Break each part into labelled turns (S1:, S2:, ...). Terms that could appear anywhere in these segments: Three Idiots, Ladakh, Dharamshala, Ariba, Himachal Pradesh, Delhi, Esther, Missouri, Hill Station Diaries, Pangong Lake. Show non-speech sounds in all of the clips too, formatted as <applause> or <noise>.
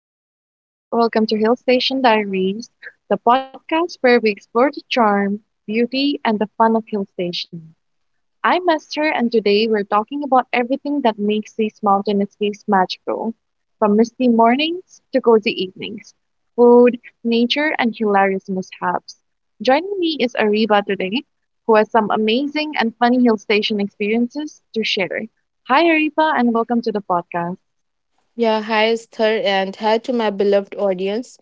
S1: my listeners. Welcome to Hill Station Diaries, the podcast where we explore the charm, beauty, and the fun of Hill Station. I'm Esther, and today we're talking about everything that makes these mountain escapes magical from misty mornings to cozy evenings, food, nature, and hilarious mishaps. Joining me is Ariba today, who has some amazing and funny Hill Station experiences to share. Hi, Ariba, and welcome to the podcast.
S2: Yeah, hi Esther and hi to my beloved audience.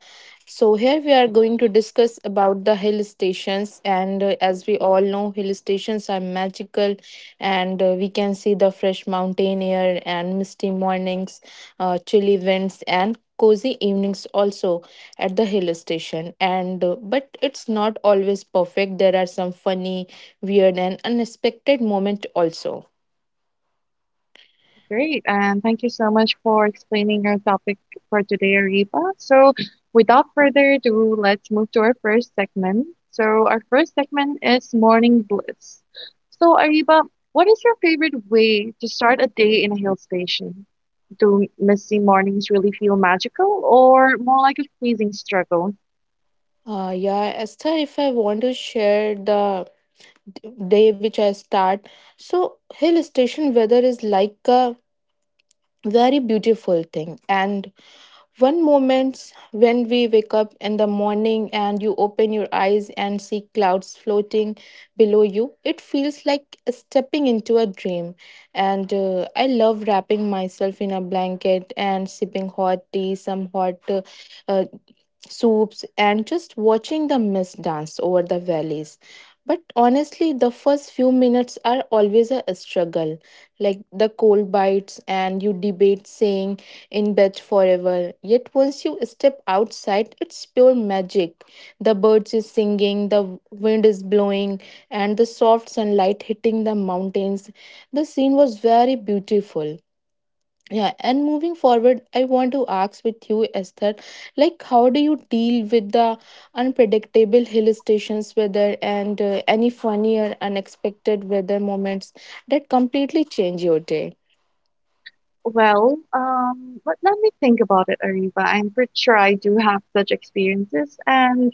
S2: So here we are going to discuss about the hill stations, and as we all know hill stations are magical, and we can see the fresh mountain air and misty mornings, chilly winds and cozy evenings also at the hill station, and but it's not always perfect. There are some funny, weird and unexpected moment also.
S1: Great, and thank you so much for explaining our topic for today, Ariba. So, without further ado, let's move to our first segment. So, our first segment is morning bliss. So, Ariba, what is your favorite way to start a day in a hill station? Do misty mornings really feel magical or more like a freezing struggle?
S2: Yeah, Esther, if I want to share the day which I start. So hill station weather is like a very beautiful thing. And one moment when we wake up in the morning and you open your eyes and see clouds floating below you, it feels like stepping into a dream. And I love wrapping myself in a blanket and sipping hot tea, some hot uh, soups, and just watching the mist dance over the valleys. But honestly, the first few minutes are always a struggle, like the cold bites, and you debate saying in bed forever. Yet once you step outside, it's pure magic. The birds is singing, the wind is blowing, and the soft sunlight hitting the mountains. The scene was very beautiful. Yeah, and moving forward, I want to ask with you, Esther, like how do you deal with the unpredictable hill stations weather, and any funny or unexpected weather moments that completely change your day?
S1: Well, but let me think about it, Ariba. I'm pretty sure I do have such experiences, and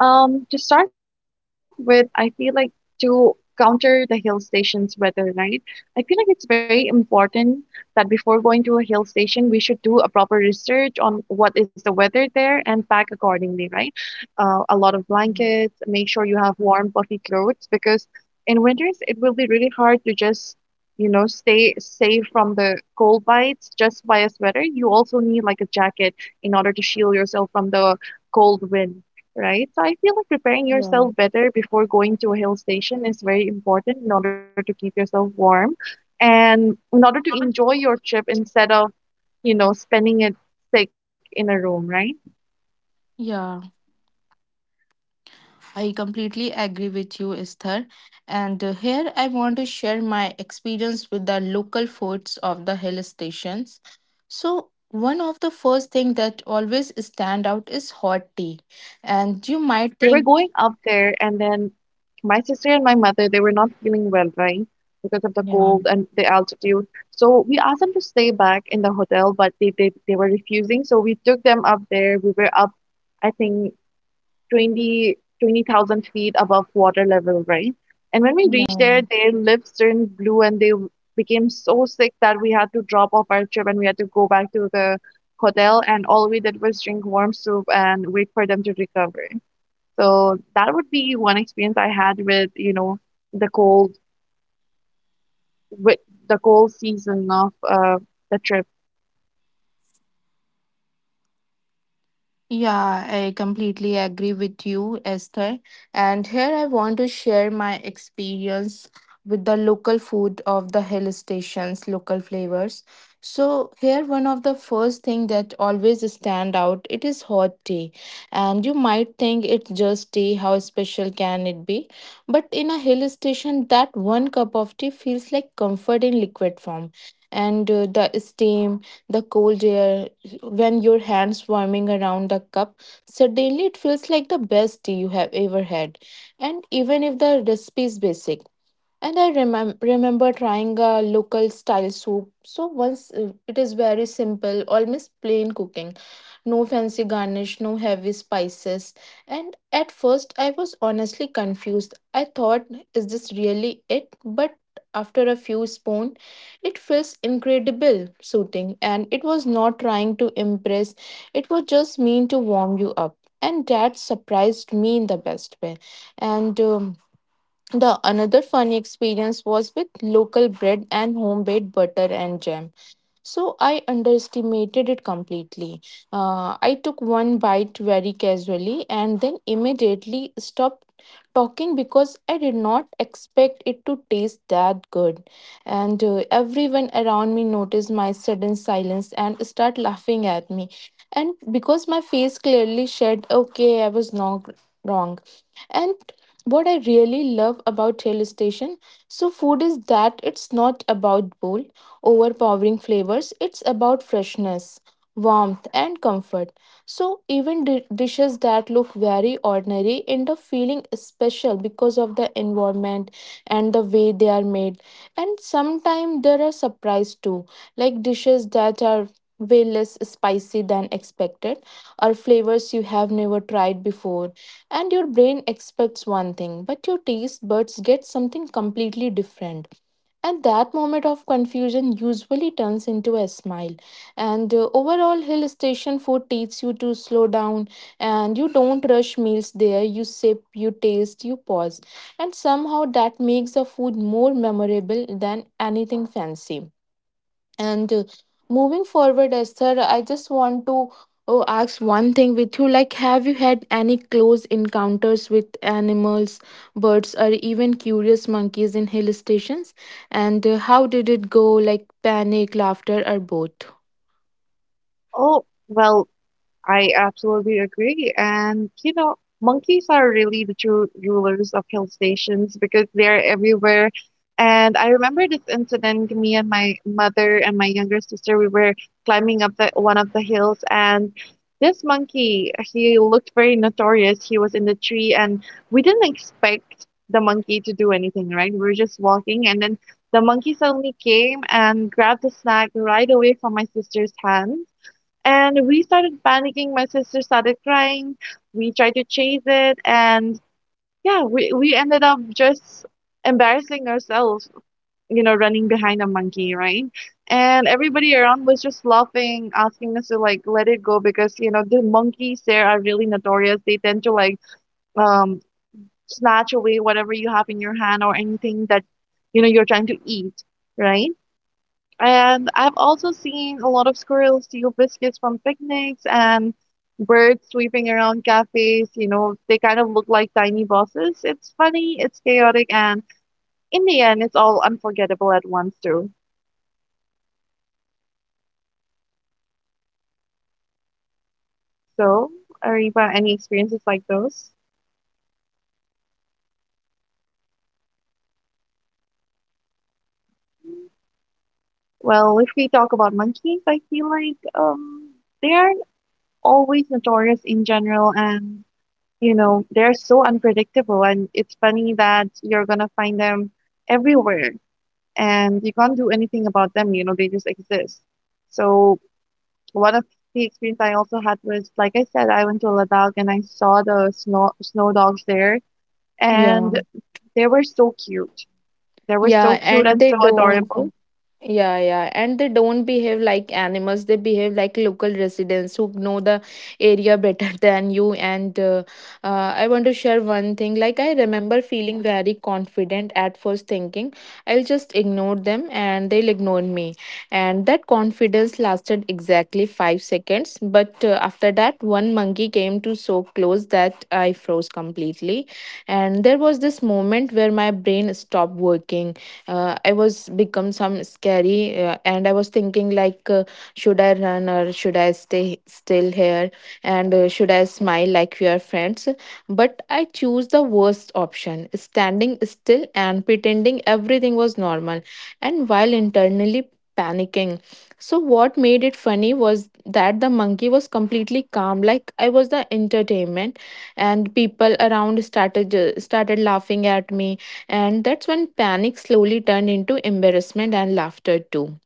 S1: To start with, I feel like to counter the hill station's weather, right? I feel like it's very important that before going to a hill station, we should do a proper research on what is the weather there and pack accordingly, right? A lot of blankets,
S2: Mm.
S1: make sure you have warm, puffy clothes because in winters it will be really hard to just, you know, stay safe from the cold bites just by a sweater. You also need like a jacket in order to shield yourself from the cold wind, right? So I feel like preparing
S2: Yeah,
S1: yourself better before going to a hill station is very important in order to keep yourself warm and in order to enjoy your trip instead of, you know, spending it sick in a room, right?
S2: yeah. I completely
S1: So
S2: agree
S1: when
S2: with you,
S1: you asked
S2: Esther.
S1: about my
S2: And
S1: experience,
S2: here
S1: I
S2: I
S1: do
S2: want
S1: have
S2: to share my
S1: experience as in I,
S2: experience with the
S1: I
S2: local
S1: went to
S2: foods
S1: Ladakh with
S2: of the
S1: my
S2: hill
S1: family, and what
S2: stations.
S1: happened was we were going to
S2: So
S1: this
S2: one of the
S1: Pangong
S2: first
S1: Lake,
S2: thing that
S1: the
S2: always
S1: lake where
S2: stand out
S1: Three
S2: is
S1: Idiots
S2: hot
S1: was
S2: tea.
S1: shot, right?
S2: And you
S1: So
S2: might
S1: we were
S2: think,
S1: going up there, and then my sister and my mother they were not feeling well, right, because of the
S2: yeah,
S1: cold and the altitude. So we asked them to stay back in the hotel, but they were refusing. So we took them up there. We were up, I think twenty thousand feet above water level, right? And when we reached
S2: yeah.
S1: there, their lips turned blue and became so sick that we had to drop off our trip and we had to go back to the hotel. And all we did was drink warm soup and wait for them to recover. So that would be one experience I had with, you know, the cold, with the cold season of the trip.
S2: Yeah, I completely agree with you, Esther. And here I want to share my experience with the local food of the hill stations, local flavors. So here one of the first thing that always stand out, it is hot tea. And you might think, it's just tea, how special can it be? But in a hill station, that one cup of tea feels like comfort in liquid form. And the steam, the cold air, when your hands swarming around the cup, suddenly it feels like the best tea you have ever had. And even if the recipe is basic, and I remember trying a local style soup. So once, it is very simple, almost plain cooking. No fancy garnish, no heavy spices. And at first, I was honestly confused. I thought, is this really it? But after a few spoons, it feels incredible, soothing. And it was not trying to impress, it was just mean to warm you up. And that surprised me in the best way. And the another funny experience was with local bread and homemade butter and jam. So I underestimated it completely. I took one bite very casually and then immediately stopped talking because I did not expect it to taste that good. And everyone around me noticed my sudden silence and start laughing at me. And because my face clearly said, "Okay, I was not wrong," and what I really love about hill station so food is that it's not about bold overpowering flavors, it's about freshness, warmth and comfort. So even dishes that look very ordinary end up feeling special because of the environment and the way they are made. And sometimes there are surprise too, like dishes that are way less spicy than expected, or flavors you have never tried before, and your brain expects one thing, but your taste buds get something completely different. And that moment of confusion usually turns into a smile. And overall, hill station food teaches you to slow down, and you don't rush meals there. You sip, you taste, you pause. And somehow that makes the food more memorable than anything fancy. And moving forward, Esther, I just want to ask one thing with you. Like, have you had any close encounters with animals, birds, or even curious monkeys in hill stations? And how did it go? Like, panic, laughter, or both?
S1: Oh, well, I absolutely agree. And, you know, monkeys are really the true rulers of hill stations because they're everywhere. And I remember this incident, me and my mother and my younger sister, we were climbing up one of the hills and this monkey, he looked very notorious. He was in the tree and we didn't expect the monkey to do anything, right? We were just walking and then the monkey suddenly came and grabbed the snack right away from my sister's hand and we started panicking. My sister started crying. We tried to chase it, and yeah, we ended up just embarrassing ourselves, you know, running behind a monkey, right? And everybody around was just laughing, asking us to like let it go because you know the monkeys there are really notorious. They tend to like um snatch away whatever you have in your hand or anything that you know you're trying to eat, right? And I've also seen a lot of squirrels steal biscuits from picnics and birds sweeping around cafes. You know, they kind of look like tiny bosses. It's funny, it's chaotic, and in the end, it's all unforgettable at once, too. So, Ariba, any experiences like those? Well, if we talk about monkeys, I feel like they are always notorious in general, and you know, they're so unpredictable. And it's funny that you're gonna find them everywhere and you can't do anything about them, you know, they just exist. So one of the experience I also had was, like I said, I went to Ladakh and I saw the snow dogs there,
S2: Yeah.
S1: and they were so cute. They were
S2: Yeah,
S1: so cute
S2: and
S1: and
S2: they
S1: so
S2: don't.
S1: adorable.
S2: Yeah, yeah. And they don't behave like animals. They behave like local residents who know the area better <laughs> than you. And I want to share one thing. Like, I remember feeling very confident at first, thinking I'll just ignore them and they'll ignore me. And that confidence lasted exactly 5 seconds. But after that, one monkey came to so close that I froze completely. And there was this moment where my brain stopped working. I was become some scary, and I was thinking like, should I run or should I stay still here, and should I smile like we are friends? But I choose the worst option, standing still and pretending everything was normal, and while internally panicking. So what made it funny was that the monkey was completely calm, like I was the entertainment. And people around started laughing at me. And that's when panic slowly turned into embarrassment and laughter too.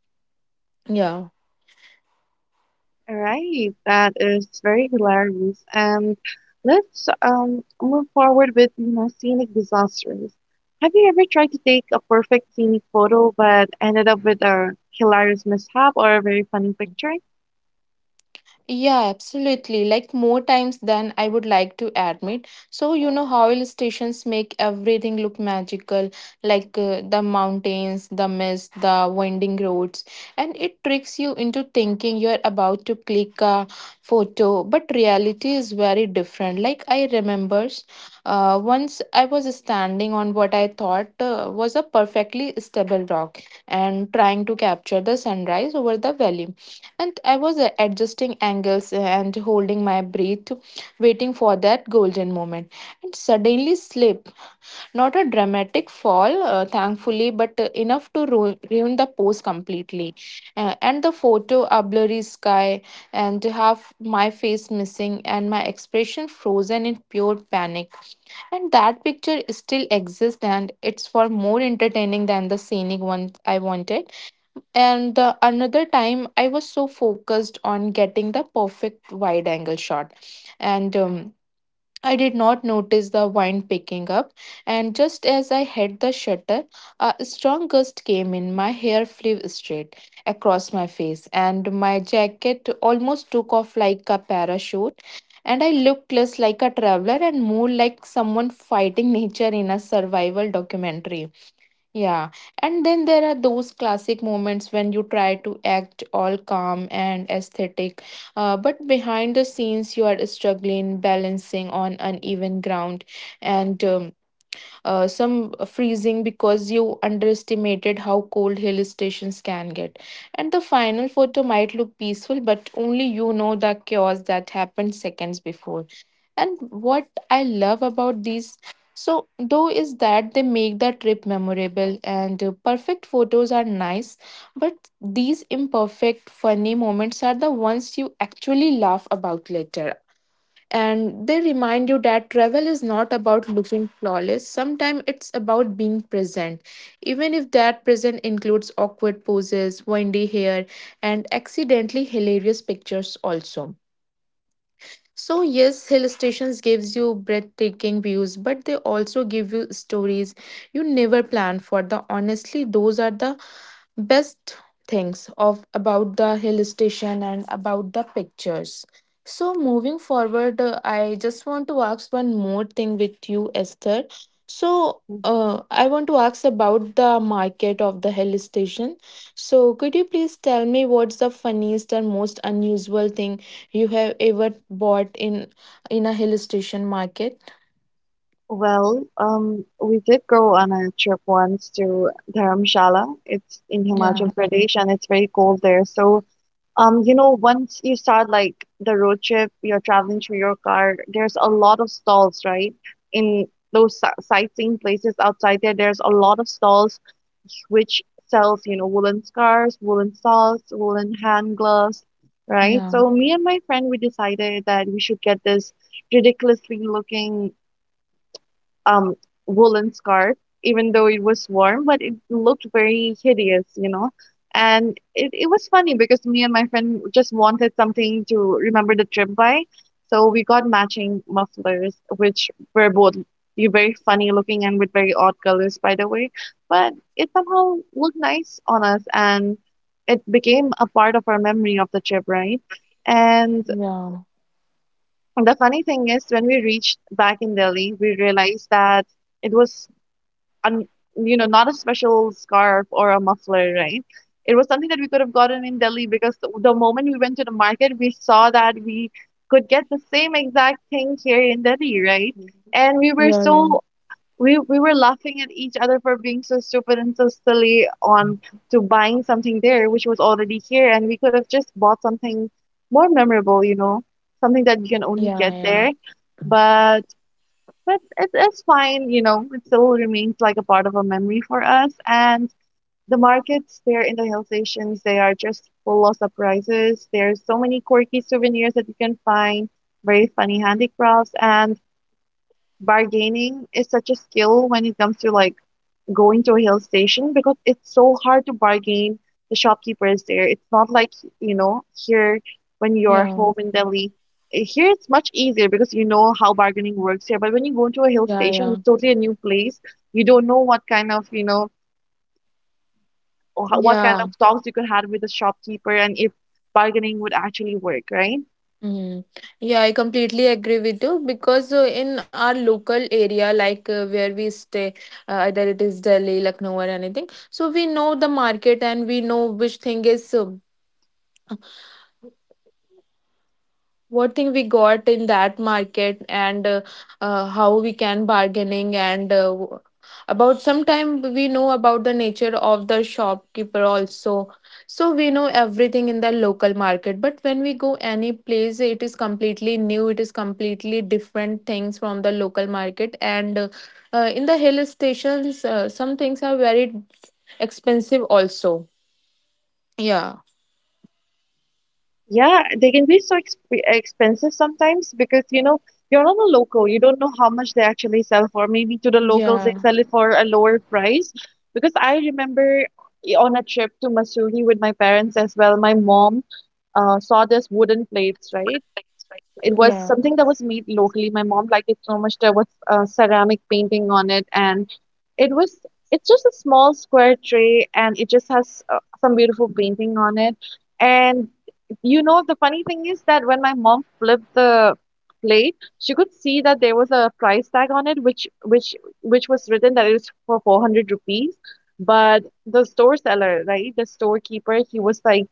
S2: Yeah.
S1: Right, that is very hilarious. And let's move forward with, you know, scenic disasters. Have you ever tried to take a perfect scenic photo but ended up with a hilarious mishap or a very funny picture?
S2: Yeah, absolutely. Like more times than I would like to admit. So, you know how illustrations make everything look magical, like the mountains, the mist, the winding roads, and it tricks you into thinking you're about to click a photo, but reality is very different. Like I remembers, once I was standing on what I thought was a perfectly stable rock, and trying to capture the sunrise over the valley, and I was adjusting angles, and holding my breath, waiting for that golden moment. And suddenly slip. Not a dramatic fall, thankfully, but enough to ruin the pose completely. And the photo, a blurry sky, and half my face missing, and my expression frozen in pure panic. And that picture still exists, and it's for more entertaining than the scenic one I wanted. And another time, I was so focused on getting the perfect wide angle shot. And I did not notice the wind picking up. And just as I hit the shutter, a strong gust came in. My hair flew straight across my face, and my jacket almost took off like a parachute. And I looked less like a traveler and more like someone fighting <laughs> nature in a survival documentary. Yeah, and then there are those classic moments when you try to act all calm and aesthetic, but behind the scenes you are struggling, balancing on uneven ground, and some freezing because you underestimated how cold hill stations can get. And the final photo might look peaceful, but only you know the chaos that happened seconds before. And what I love about these so though is that they make the trip memorable, and perfect photos are nice, but these imperfect funny moments are the ones you actually laugh about later. And they remind you that travel is not about looking flawless, sometimes it's about being present, even if that present includes awkward poses, windy hair, and accidentally hilarious pictures also. So yes, hill stations gives you breathtaking views, but they also give you stories you never planned for. The honestly those are the best things of about the hill station and about the pictures. So moving forward, I just want to ask one more thing with you, Esther. So I want to ask about the market of the hill station. So could you please tell me what's the funniest and most unusual thing you have ever bought in a hill station market?
S1: Well, we did go on a trip once to Dharamshala. It's in
S2: Yeah,
S1: Himachal Pradesh and it's very cold there. So, you know, once you start like the road trip, you're traveling through your car, there's a lot of stalls, right? In those sightseeing places outside there, there's a lot of stalls which sells, you know, woolen scarves, woolen socks, woolen hand gloves, right?
S2: yeah,
S1: So me and my friend, we decided that we should get this ridiculously looking um woolen scarf, even though it was warm, but it looked very hideous, you know. And it was funny because me and my friend just wanted something to remember the trip by. So we got matching mufflers, which were both you very funny looking and with very odd colors, by the way. But it somehow looked nice on us and it became a part of our memory of the trip, right? And
S2: yeah,
S1: the funny thing is, when we reached back in Delhi, we realized that it was and you know, not a special scarf or a muffler, right? It was something that we could have gotten in Delhi, because the moment we went to the market we saw that we could get the same exact thing here in Delhi, right? And we were
S2: yeah, yeah,
S1: so, we were laughing at each other for being so stupid and so silly on to buying something there which was already here and we could have just bought something more memorable, you know, something that you can only
S2: yeah,
S1: get
S2: yeah,
S1: there. But but it is fine, you know, it still remains like a part of a memory for us. And the markets there in the hill stations, they are just full of surprises. There's so many quirky souvenirs that you can find, very funny handicrafts, and bargaining is such a skill when it comes to like going to a hill station because it's so hard to bargain. The shopkeeper is there. It's not like, you know, here when you're
S2: yeah,
S1: home in Delhi. Here it's much easier because you know how bargaining works here. But when you go into a hill
S2: yeah,
S1: station,
S2: yeah.
S1: it's totally a new place. You don't know what kind of, you know, or what kind
S2: Yeah.
S1: of talks you could have with the shopkeeper and if bargaining would actually work, right?
S2: Mm. Yeah, I completely agree with you because in our local area, like where we stay, either it is Delhi, Lucknow, or anything, so we know the market and we know which thing is, what thing we got in that market, and how we can bargaining, and about sometime we know about the nature of the shopkeeper also. So we know everything in the local market, but when we go any place it is completely new, it is completely different things from the local market. And in the hill stations, some things are very expensive also. Yeah,
S1: Yeah, they can be so expensive sometimes because you know you're not a local, you don't know how much they actually sell for. Maybe to the locals they
S2: yeah.
S1: sell it for a lower price. Because I remember on a trip to Missouri with my parents as well, my mom saw this wooden plates, right? It was
S3: Yeah,
S1: something that was made locally. My mom liked it so much. There was a ceramic painting on it, and it was it's just a small square tray, and it just has some beautiful painting on it. And you know, the funny thing is that when my mom flipped the plate, she could see that there was a price tag on it, which was written that it was for 400 rupees. But the store seller, right, the storekeeper, he was like,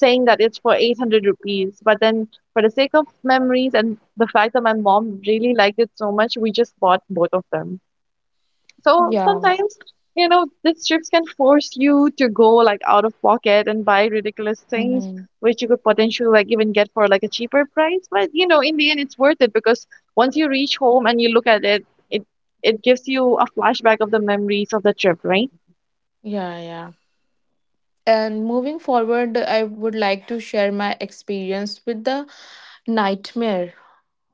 S1: saying that it's for 800 rupees. But then, for the sake of memories and the fact that my mom really liked it so much, we just bought both of them. So
S3: yeah,
S1: sometimes, you know, these trips can force you to go like out of pocket and buy ridiculous things,
S3: mm-hmm.
S1: which you could potentially like even get for like a cheaper price. But you know, in the end, it's worth it because once you reach home and you look at it, it it gives you a flashback of the memories of the trip, right?
S3: Yeah, yeah. And moving forward, I would like to share my experience with the nightmare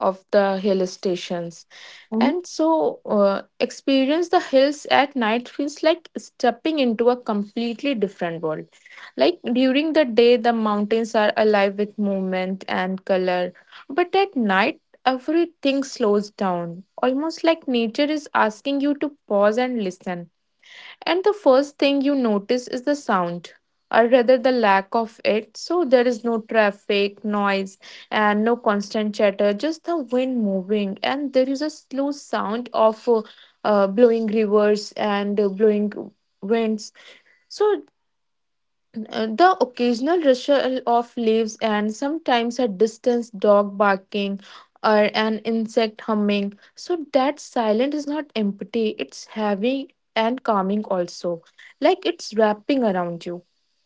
S3: of the hill stations.
S1: Mhm.
S3: And so, experience the hills at night feels like stepping into a completely different world. Like during the day, the mountains are alive with movement and color, but at night, everything slows down, almost like nature is asking you to pause and listen. And the first thing you notice is the sound, or rather the lack of it. So there is no traffic, noise, and no constant chatter, just the wind moving. And there is a slow sound of blowing rivers and blowing winds. So the occasional rustle of leaves and sometimes a distant dog barking or an insect humming. So that silence is not empty, it's heavy and calming also. Like it's wrapping around you.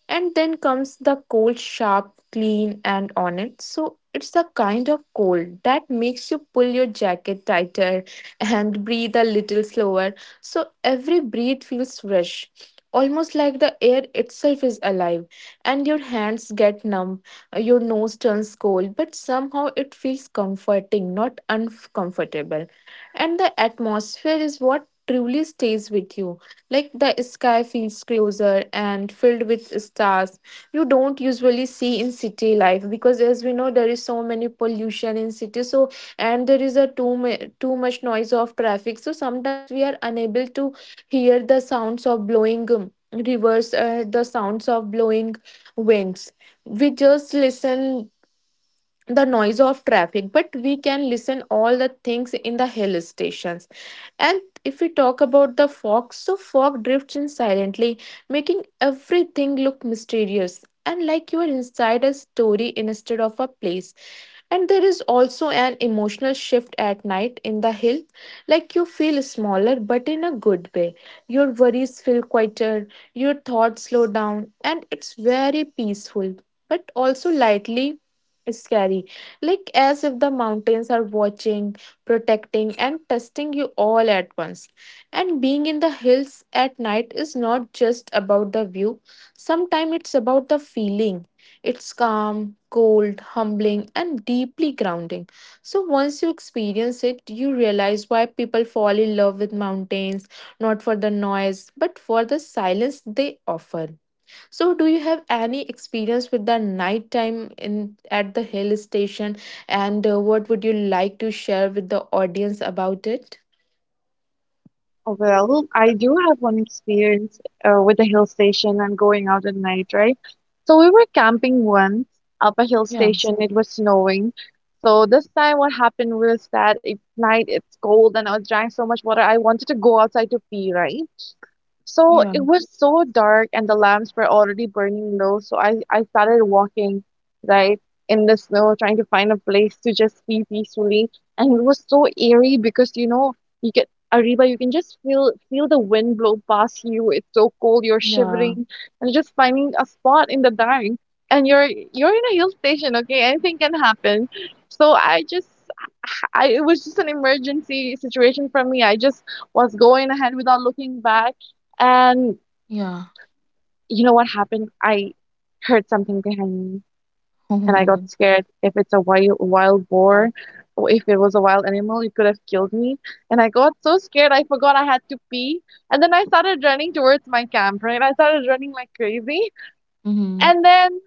S3: And then comes the cold, sharp, clean, and honest. So it's the kind of cold that makes you pull your jacket tighter and breathe a little slower. So every breath feels fresh, almost like the air itself is alive. And your hands get numb, your nose turns cold, but somehow it feels comforting, not uncomfortable. And the atmosphere is what truly stays with you, like the sky feels closer and filled with stars. You don't usually see in city life because as we know there is so many pollution in city, so and there is a too much noise of traffic. So sometimes we are unable to hear the sounds of blowing rivers, the sounds of blowing winds. We just listen the noise of traffic, but we can listen all the things in the hill stations. And if we talk about the fog, so fog drifts in silently, making everything look mysterious and like you are inside a story instead of a place. And there is also an emotional shift at night in the hill, like you feel smaller but in a good way. Your worries feel quieter, your thoughts slow down, and it's very peaceful, but also lightly it's scary, like as if the mountains are watching, protecting, and testing you all at once. And being in the hills at night is not just about the view, sometimes it's about the feeling. It's calm, cold, humbling, and deeply grounding. So once you experience it, you realize why people fall in love with mountains, not for the noise but for the silence they offer. So, do you have any experience with the night time in at the hill station, and what would you like to share with the audience about it?
S1: Well, I do have one experience with a hill station and going out at night, right? So we were camping once up a hill
S3: Yeah,
S1: station. It was snowing. So this time what happened was that it's night, it's cold, and I was drinking so much water. I wanted to go outside to pee, right? So
S3: yeah,
S1: it was so dark and the lamps were already burning low. So I started walking, right, in the snow, trying to find a place to just be peacefully. And it was so eerie because, you know, you get Ariba, you can just feel the wind blow past you. It's so cold, you're
S3: yeah,
S1: shivering, and just finding a spot in the dark. And you're in a hill station, okay? Anything can happen. So I just I it was just an emergency situation for me. I just was going ahead without looking back, and
S3: yeah.
S1: you know what happened? I heard something behind me
S3: Oh
S1: and
S3: my
S1: I got
S3: god.
S1: scared. If it's a wild boar, or if it was a wild animal, it could have killed me. And I got so scared I forgot I had to pee. And then I started running towards my camp, right? I started running like crazy.
S3: Mm-hmm.
S1: And then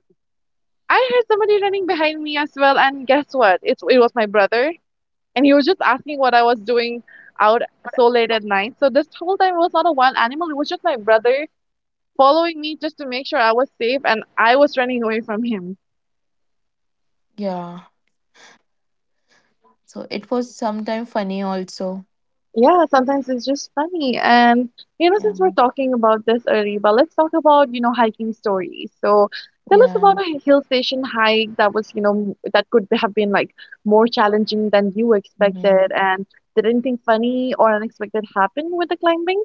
S1: I heard somebody running behind me as well. And guess what? It was my brother. And he was just asking what I was doing out so late at night. So this whole time it was not a wild animal, it was just my brother following me just to make sure I was safe and I was running away from him.
S3: Yeah. So it was sometime funny also.
S1: Yeah, sometimes it's just funny. And, you know,
S3: Yeah.
S1: since we're talking about this early, but let's talk about, you know, hiking stories. So tell us
S3: Yeah.
S1: about a hill station hike that was, you know, that could have been like more challenging than you expected. And did anything funny or unexpected happen with the climbing?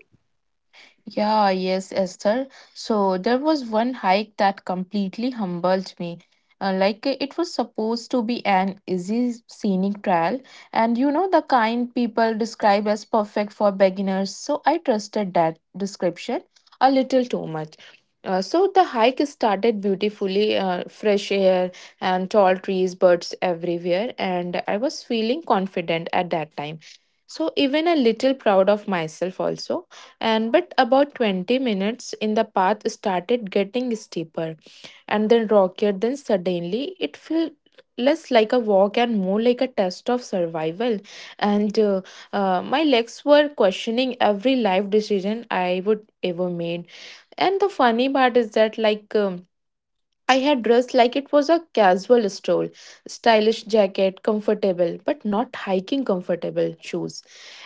S3: Yeah, yes, Esther. So there was one hike that completely humbled me. It was supposed to be an easy scenic trail, and you know the kind people describe as perfect for beginners. So I trusted that description a little too much. So the hike started beautifully, fresh air and tall trees, birds everywhere, and I was feeling confident at that time. So even a little proud of myself also. And but about 20 minutes in, the path started getting steeper and then rockier, then suddenly it felt less like a walk and more like a test of survival. And my legs were questioning every life decision I would ever made. And the funny part is that I had dressed like it was a casual stroll, stylish jacket, comfortable but not hiking comfortable shoes.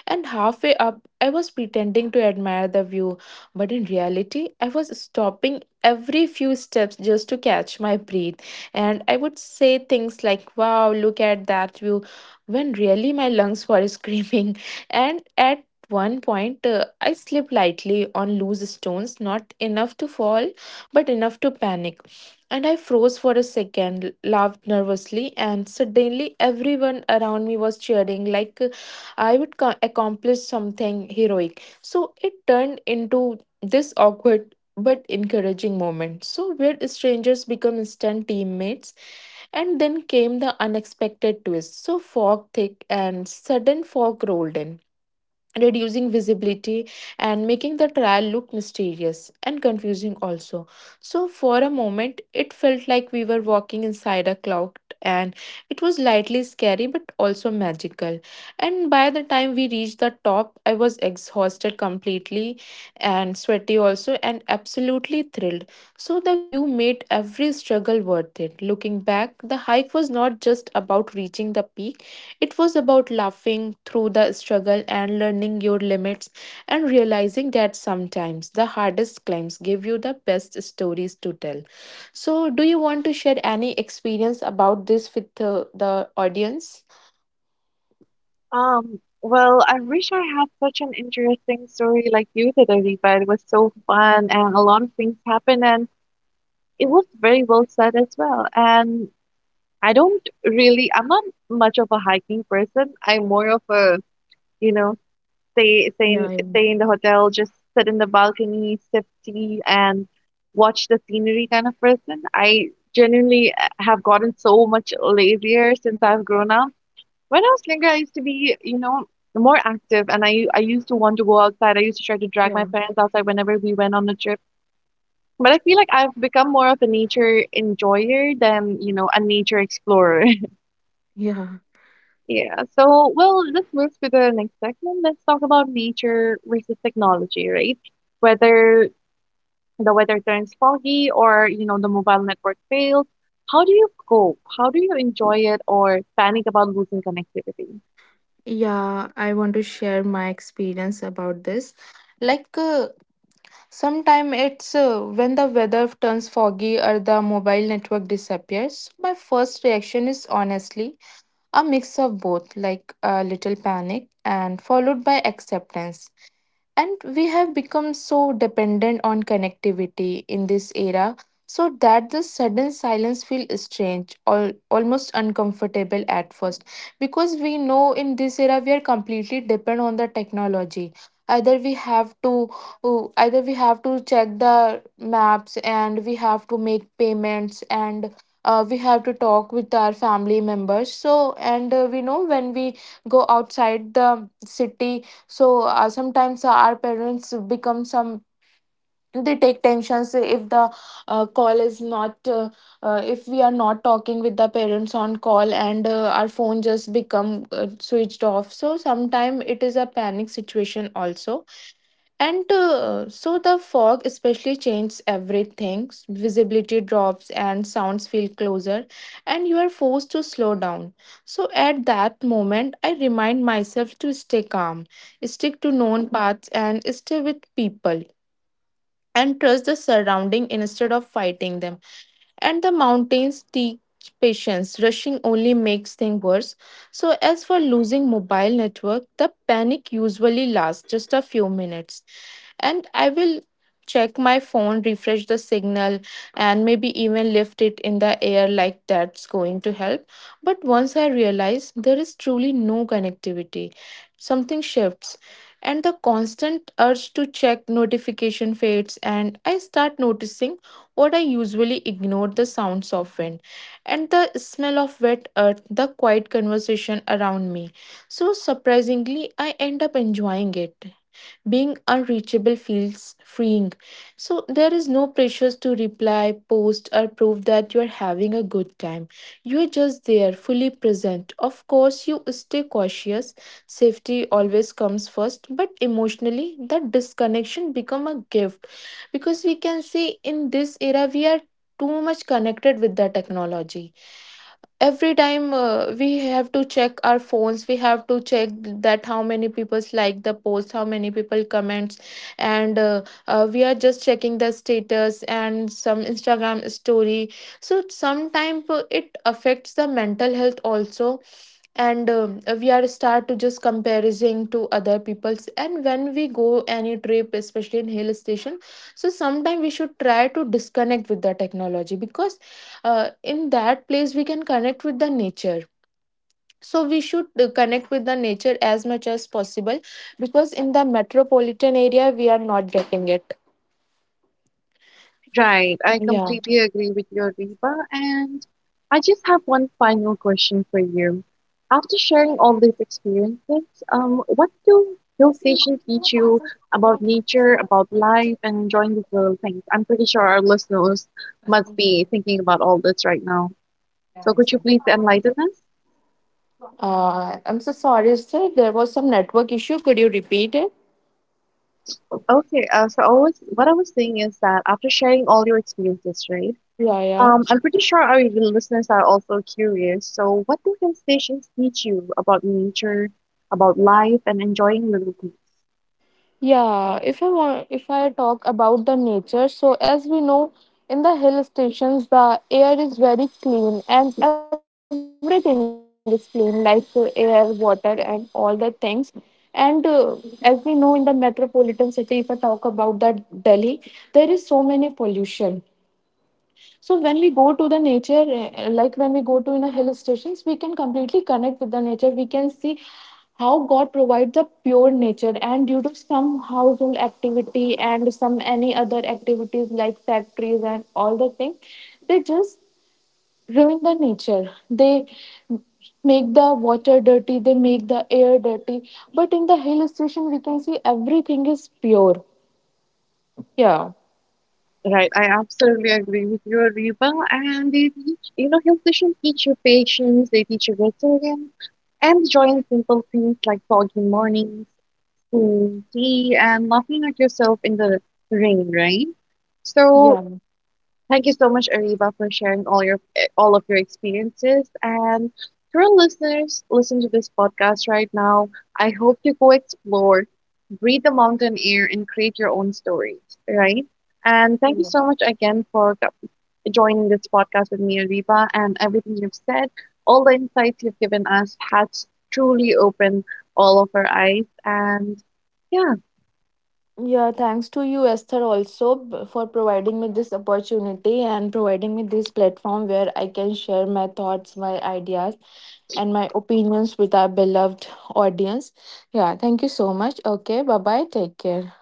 S3: And halfway up, I was pretending to admire the view, but in reality, I was stopping every few steps just to catch my breath. And I would say things like, "Wow, look at that view," when really my lungs were screaming. <laughs> And at one point, I slipped lightly on loose stones, not enough to fall, but enough to panic. And I froze for a second, laughed nervously, and suddenly everyone around me was cheering like I would accomplish something heroic. So it turned into this awkward but encouraging moment. So weird strangers become instant teammates, and then came the unexpected twist. So fog, thick and sudden fog rolled in, reducing visibility and making the trial look mysterious and confusing also. So for a moment it felt like we were walking inside a cloud, and it was slightly scary but also magical. And by the time we reached the top, I was exhausted completely and sweaty also, and absolutely thrilled. So the view made every struggle worth it. Looking back, the hike was not just about reaching the peak, it was about laughing through the struggle and learning your limits, and realizing that sometimes the hardest climbs give you the best stories to tell. So, do you want to share any experience about this with the audience?
S1: Well, I wish I had such an interesting story like you did, Ari, but it was so fun and a lot of things happened. And it was very well said as well. And I don't really, I'm not much of a hiking person. I'm more of a, you know, stay stay
S3: Yeah,
S1: in
S3: I-
S1: stay in the hotel, just sit in the balcony, sip tea, and watch the scenery kind of person. I genuinely have gotten so much lazier since I've grown up. When I was younger, I used to be, you know, more active, and I used to want to go outside. I used to try to drag my
S3: yeah,
S1: parents outside whenever we went on a trip, but I feel like I've become more of a nature enjoyer than, you know, a nature explorer. <laughs>
S3: yeah,
S1: Yeah. So, well, this moves to the next segment. Let's talk about nature versus technology, right? Whether the weather turns foggy or, you know, the mobile network fails, how do you cope? How do you enjoy it or panic about losing connectivity?
S3: yeah. I want to share my experience about this. Like, sometime it's When the weather turns foggy or the mobile network disappears, my first reaction is honestly a mix of both, like a little panic and followed by acceptance. And we have become so dependent on connectivity in this era, so that the sudden silence feels strange or almost uncomfortable at first. Because we know in this era we are completely dependent on the technology. Either we have to, oh, either we have to check the maps and we have to make payments, and we have to talk with our family members. So and we know when we go outside the city, so sometimes our parents become some, they take tensions if the call is not if we are not talking with the parents on call, and our phone just become switched off. So sometimes it is a panic situation also. And so the fog especially changes everything. Visibility drops and sounds feel closer, and you are forced to slow down. So at that moment, I remind myself to stay calm, stick to known paths, and stay with people, and trust the surrounding instead of fighting them. And the mountains teach patience. Rushing only makes things worse. So as for losing mobile network, the panic usually lasts just a few minutes, and I will check my phone, refresh the signal, and maybe even lift it in the air like that's going to help. But once I realize there is truly no connectivity, something shifts, and the constant urge to check notification fades, and I start noticing what I usually ignored: the sounds of wind and the smell of wet earth, the quiet conversation around me. So surprisingly I end up enjoying it. Being unreachable feels freeing. So there is no pressure to reply, post, or prove that you are having a good time. You are just there, fully present. Of course, you stay cautious. Safety always comes first, but emotionally, that disconnection become a gift. Because we can see in this era we are too much connected with the technology. Every time we have to check our phones, we have to check that how many people like the post, how many people comments. And we are just checking the status and some instagram story. So sometimes it affects the mental health also. And we are start to just comparison to other people's. And when we go any trip, especially in hill station, so sometime we should try to disconnect with the technology, because in that place we can connect with the nature. So we should connect with the nature as much as possible, because in the metropolitan area we are not getting it.
S1: Right, I
S3: Yeah.
S1: completely agree with you, Reba. And I just have one final question for you. After sharing all these experiences, what do hill stations teach you about nature, about life, and enjoying these little things? I'm pretty sure our listeners must be thinking about all this right now. So could you please enlighten us?
S3: I'm so sorry sir, there was some network issue, could you repeat it?
S1: Okay, what I was saying is that after sharing all your experiences, right?
S3: Yeah, yeah.
S1: I'm pretty sure our listeners are also curious. So, what do hill stations teach you about nature, about life, and enjoying little things?
S3: Yeah, if I want, if I talk about the nature, so as we know, in the hill stations, the air is very clean and everything is clean, like the air, water, and all the things. And as we know, in the metropolitan city, if I talk about that Delhi, there is so many pollution. So when we go to the nature, eh, like when we go to in a hill stations, we can completely connect with the nature. We can see how God provides the pure nature, and due to some household activity and some any other activities like factories and all the things, they just ruin the nature. They make the water dirty. They make the air dirty. But in the hill station, we can see everything is pure. Yeah.
S1: Right, I absolutely agree with you, Ariba. And they teach, you know, hill stations teach you patience, they teach you resilience, and enjoying simple things like foggy mornings, cool tea, and laughing at yourself in the rain, right? So,
S3: Yeah.
S1: thank you so much, Ariba, for sharing all your all of your experiences. And to our listeners, listen to this podcast right now. I hope you go explore, breathe the mountain air, and create your own stories. Right? And thank you so much again for joining this podcast with me, Ariba, and everything you've said. All the insights you've given us has truly opened all of our eyes. And yeah,
S3: Yeah, thanks to you, Esther, also for providing me this opportunity and providing me this platform where I can share my thoughts, my ideas, and my opinions with our beloved audience. Yeah, thank you so much. Okay, bye bye. Take care.